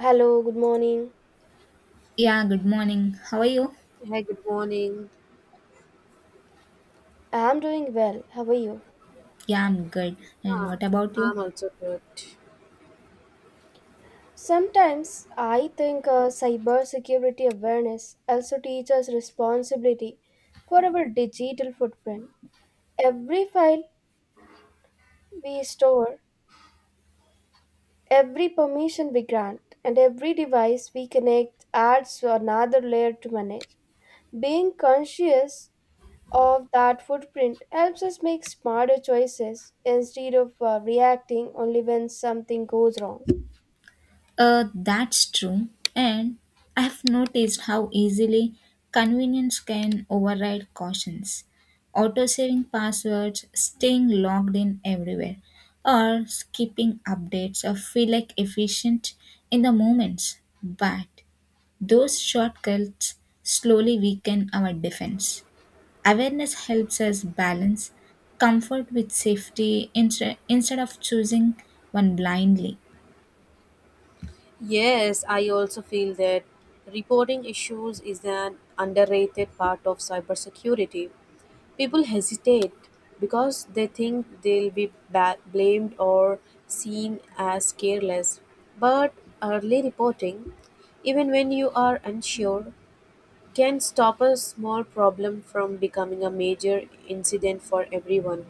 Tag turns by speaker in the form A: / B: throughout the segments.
A: Hello, good morning.
B: Yeah, good morning. How are you?
C: Hi, good morning.
A: I'm doing well. How are you?
B: Yeah, I'm good. And
C: Ah,
B: what about you?
C: I'm also good.
A: Sometimes I think cybersecurity awareness also teaches responsibility for our digital footprint. Every file we store, every permission we grant, and every device we connect adds another layer to manage. Being conscious of that footprint helps us make smarter choices instead of reacting only when something goes wrong.
B: That's true. And I have noticed how easily convenience can override cautions. Auto saving passwords, staying logged in everywhere, or skipping updates or feel like efficient in the moments. But those shortcuts slowly weaken our defense. Awareness helps us balance comfort with safety instead of choosing one blindly.
C: Yes, I also feel that reporting issues is an underrated part of cybersecurity. People hesitate because they think they'll be blamed or seen as careless. But early reporting, even when you are unsure, can stop a small problem from becoming a major incident for everyone.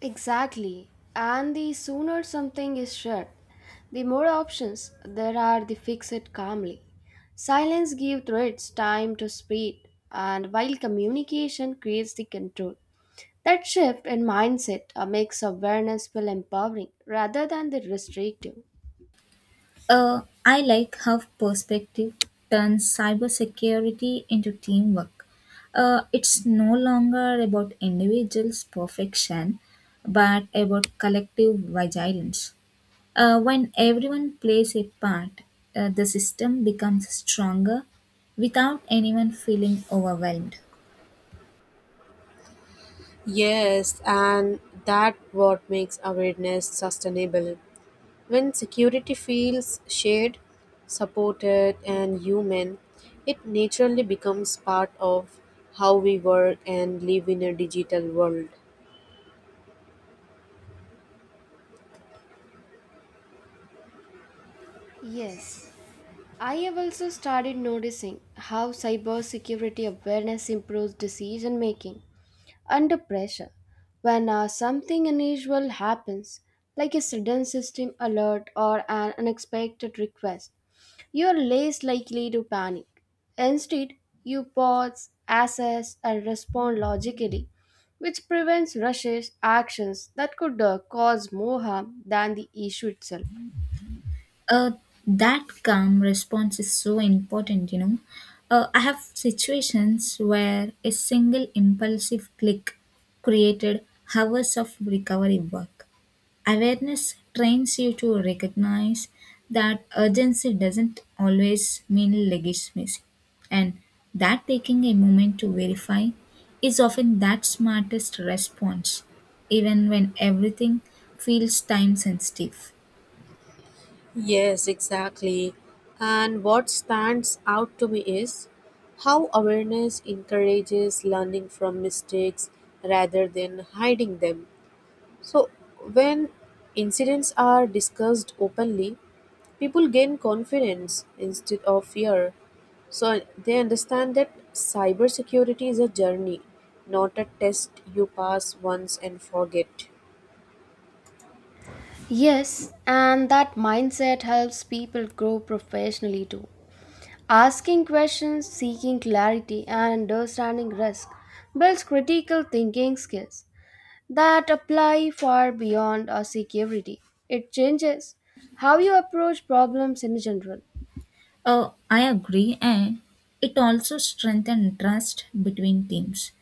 A: Exactly. And the sooner something is shared, the more options there are to fix it calmly. Silence gives threats time to spread, and while communication creates the control. That shift in mindset makes awareness feel empowering rather than the restrictive.
B: I like how perspective turns cybersecurity into teamwork. It's no longer about individuals' perfection, but about collective vigilance. When everyone plays a part, the system becomes stronger without anyone feeling overwhelmed.
C: Yes, and that what makes awareness sustainable. When security feels shared, supported and human, it naturally becomes part of how we work and live in a digital world.
A: Yes, I have also started noticing how cybersecurity awareness improves decision making under pressure. When something unusual happens, like a sudden system alert or an unexpected request, you are less likely to panic. Instead, you pause, assess, and respond logically, which prevents rushes actions that could cause more harm than the issue itself.
B: uh, that calm response is so important, I have situations where a single impulsive click created hours of recovery work. Awareness trains you to recognize that urgency doesn't always mean legitimacy, and that taking a moment to verify is often that smartest response, even when everything feels time sensitive.
C: Yes, exactly. And what stands out to me is how awareness encourages learning from mistakes rather than hiding them. So, when incidents are discussed openly, people gain confidence instead of fear. So they understand that cybersecurity is a journey, not a test you pass once and forget.
A: Yes, and that mindset helps people grow professionally too. Asking questions, seeking clarity, and understanding risk builds critical thinking skills that apply far beyond a security. It changes how you approach problems in general.
B: Oh, I agree, and it also strengthens trust between teams.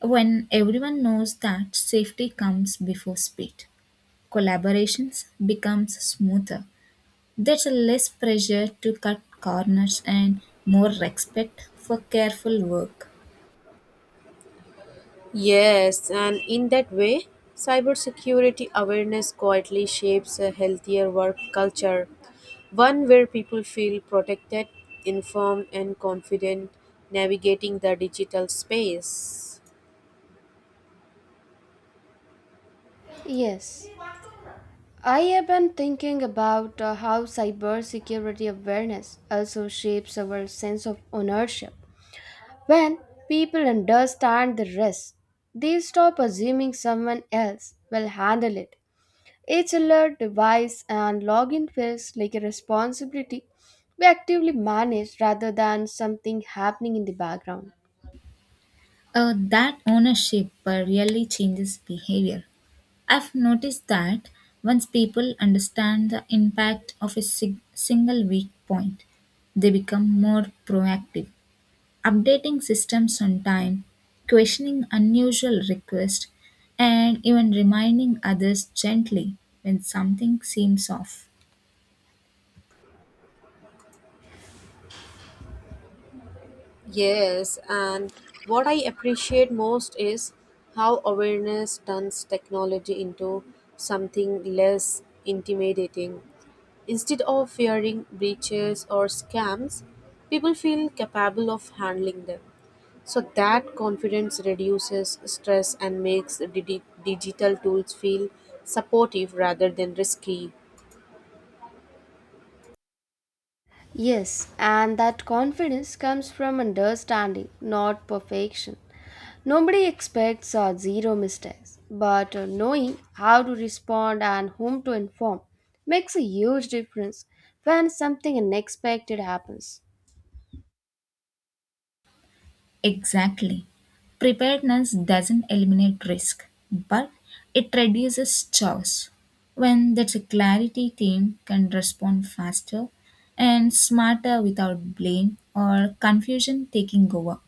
B: When everyone knows that safety comes before speed, collaborations becomes smoother. There's less pressure to cut corners and more respect for careful work.
C: Yes, and in that way, cybersecurity awareness quietly shapes a healthier work culture, one where people feel protected, informed, and confident navigating the digital space.
A: Yes, I have been thinking about how cybersecurity awareness also shapes our sense of ownership. When people understand the risk, they stop assuming someone else will handle it. Each alert, device, and login feels like a responsibility we actively manage rather than something happening in the background.
B: That ownership really changes behavior. I've noticed that once people understand the impact of a single weak point, they become more proactive. Updating systems on time, questioning unusual requests, and even reminding others gently when something seems off.
C: Yes, and what I appreciate most is how awareness turns technology into something less intimidating. Instead of fearing breaches or scams, people feel capable of handling them. So that confidence reduces stress and makes digital tools feel supportive rather than risky.
A: Yes, and that confidence comes from understanding, not perfection. Nobody expects zero mistakes, but knowing how to respond and whom to inform makes a huge difference when something unexpected happens.
B: Exactly. Preparedness doesn't eliminate risk, but it reduces chaos. When there's a clarity, team can respond faster and smarter without blame or confusion taking over.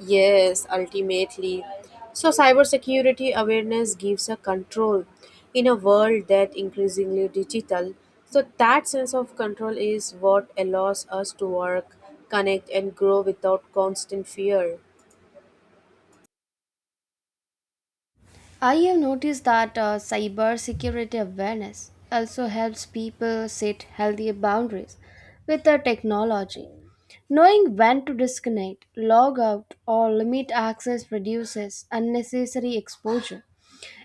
C: Yes, ultimately. So, cybersecurity awareness gives a control in a world that increasingly digital. So, that sense of control is what allows us to work, connect, and grow without constant fear.
A: I have noticed that cybersecurity awareness also helps people set healthier boundaries with the technology. Knowing when to disconnect, log out, or limit access reduces unnecessary exposure.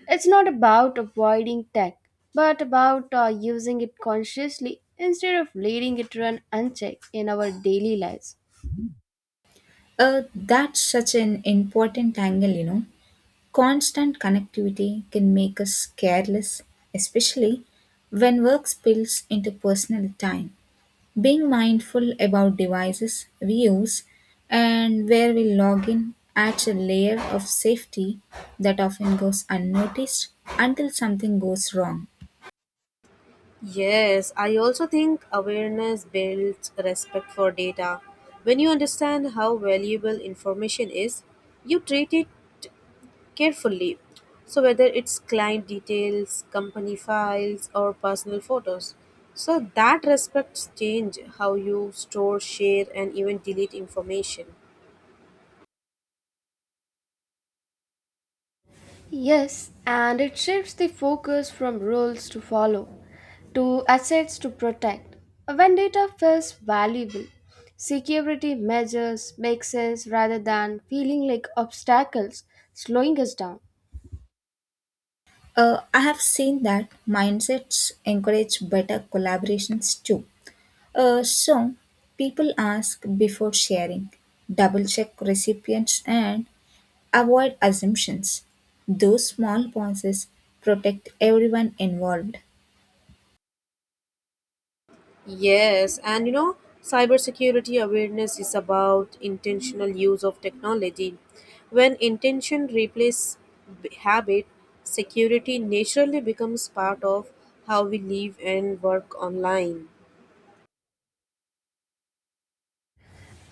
A: It's not about avoiding tech, but about using it consciously instead of letting it run unchecked in our daily lives.
B: That's such an important angle. Constant connectivity can make us careless, especially when work spills into personal time. Being mindful about devices we use and where we log in adds a layer of safety that often goes unnoticed until something goes wrong.
C: Yes, I also think awareness builds respect for data. When you understand how valuable information is, you treat it carefully. So, whether it's client details, company files, or personal photos. So, that respects change how you store, share, and even delete information.
A: Yes, and it shifts the focus from rules to follow to assets to protect. When data feels valuable, security measures make sense rather than feeling like obstacles slowing us down.
B: I have seen that mindsets encourage better collaborations too. So, people ask before sharing, double check recipients, and avoid assumptions; those small pauses protect everyone involved.
C: Yes, and cybersecurity awareness is about intentional use of technology. When intention replaces habit, security naturally becomes part of how we live and work online.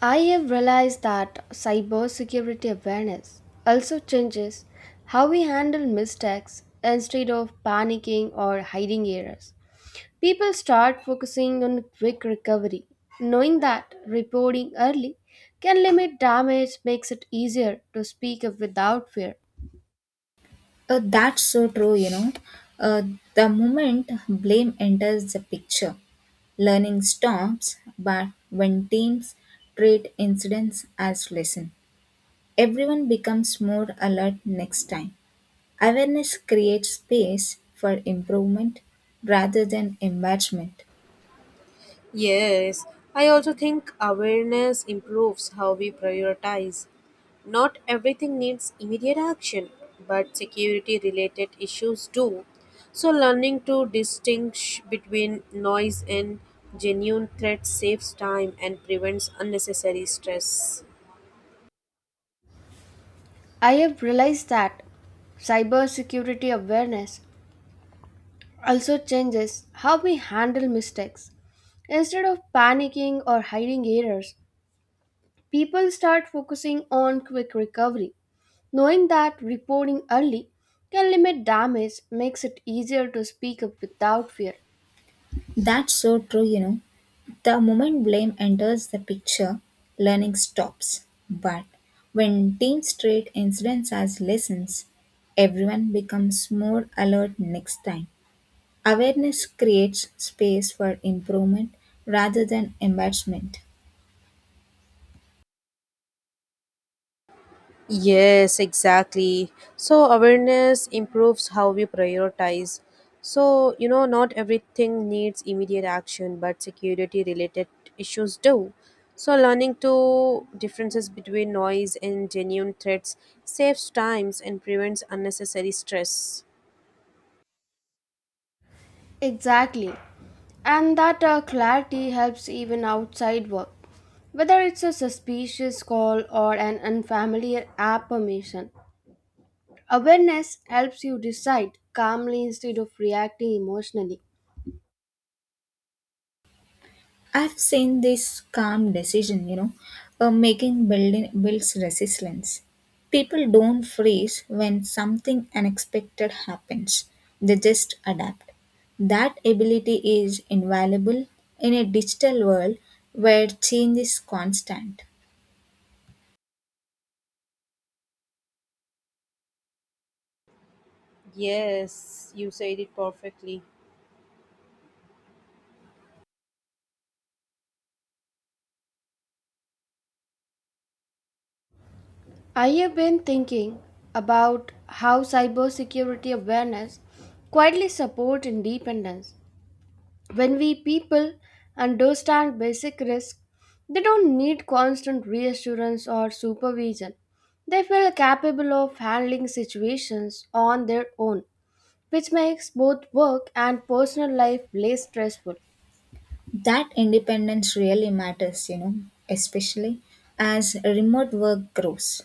A: I have realized that cybersecurity awareness also changes how we handle mistakes instead of panicking or hiding errors. People start focusing on quick recovery, knowing that reporting early can limit damage makes it easier to speak up without fear.
B: That's so true, Uh, the moment blame enters the picture, learning stops, but when teams treat incidents as lesson, everyone becomes more alert next time. Awareness creates space for improvement rather than embarrassment.
C: Yes, I also think awareness improves how we prioritize. Not everything needs immediate action, but security related issues do. So, learning to distinguish between noise and genuine threats saves time and prevents unnecessary stress.
A: I have realized that cybersecurity awareness also changes how we handle mistakes. Instead of panicking or hiding errors, people start focusing on quick recovery. Knowing that reporting early can limit damage makes it easier to speak up without fear.
B: That's so true. The moment blame enters the picture, learning stops. But when teams treat incidents as lessons, everyone becomes more alert next time. Awareness creates space for improvement rather than embarrassment.
C: Yes, exactly. So awareness improves how we prioritize. So, not everything needs immediate action, but security related issues do. So learning to differences between noise and genuine threats saves times and prevents unnecessary stress.
A: Exactly. And that clarity helps even outside work. Whether it's a suspicious call or an unfamiliar app permission, awareness helps you decide calmly instead of reacting emotionally.
B: I've seen this calm decision making building builds resilience. People don't freeze when something unexpected happens. They just adapt. That ability is invaluable in a digital world where change is constant.
C: Yes, you said it perfectly.
A: I have been thinking about how cybersecurity awareness quietly supports independence. When we people understand basic risk, they don't need constant reassurance or supervision. They feel capable of handling situations on their own, which makes both work and personal life less stressful.
B: That independence really matters, especially as remote work grows.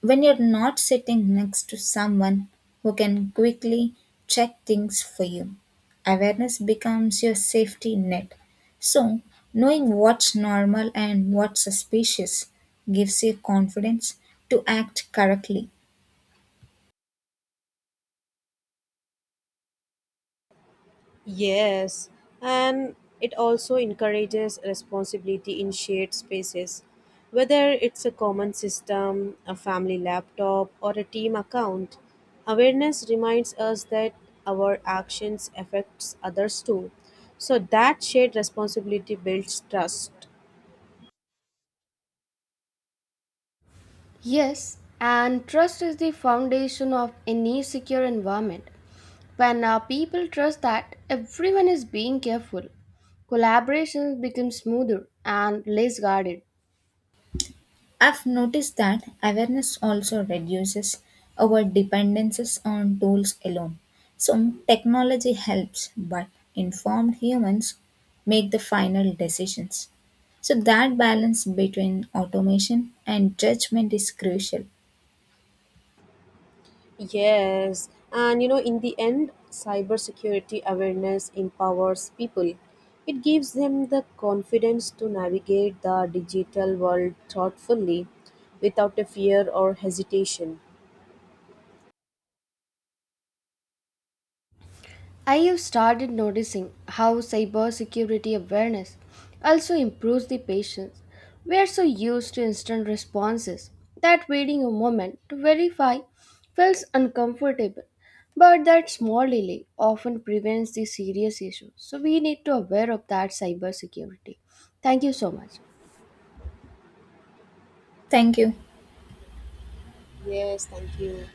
B: When you're not sitting next to someone who can quickly check things for you, awareness becomes your safety net. So, knowing what's normal and what's suspicious gives you confidence to act correctly.
C: Yes, and it also encourages responsibility in shared spaces. Whether it's a common system, a family laptop, or a team account, awareness reminds us that our actions affects others too. So that shared responsibility builds trust.
A: Yes, and trust is the foundation of any secure environment. When people trust that everyone is being careful, collaborations become smoother and less guarded.
B: I've noticed that awareness also reduces our dependences on tools alone. So, technology helps, but informed humans make the final decisions. So, that balance between automation and judgment is crucial.
C: Yes, and in the end, cybersecurity awareness empowers people. It gives them the confidence to navigate the digital world thoughtfully without a fear or hesitation.
A: I have started noticing how cybersecurity awareness also improves the patience. We are so used to instant responses that waiting a moment to verify feels uncomfortable. But that small delay often prevents the serious issues. So we need to aware of that cybersecurity. Thank you so much.
B: Thank you.
C: Yes, thank you.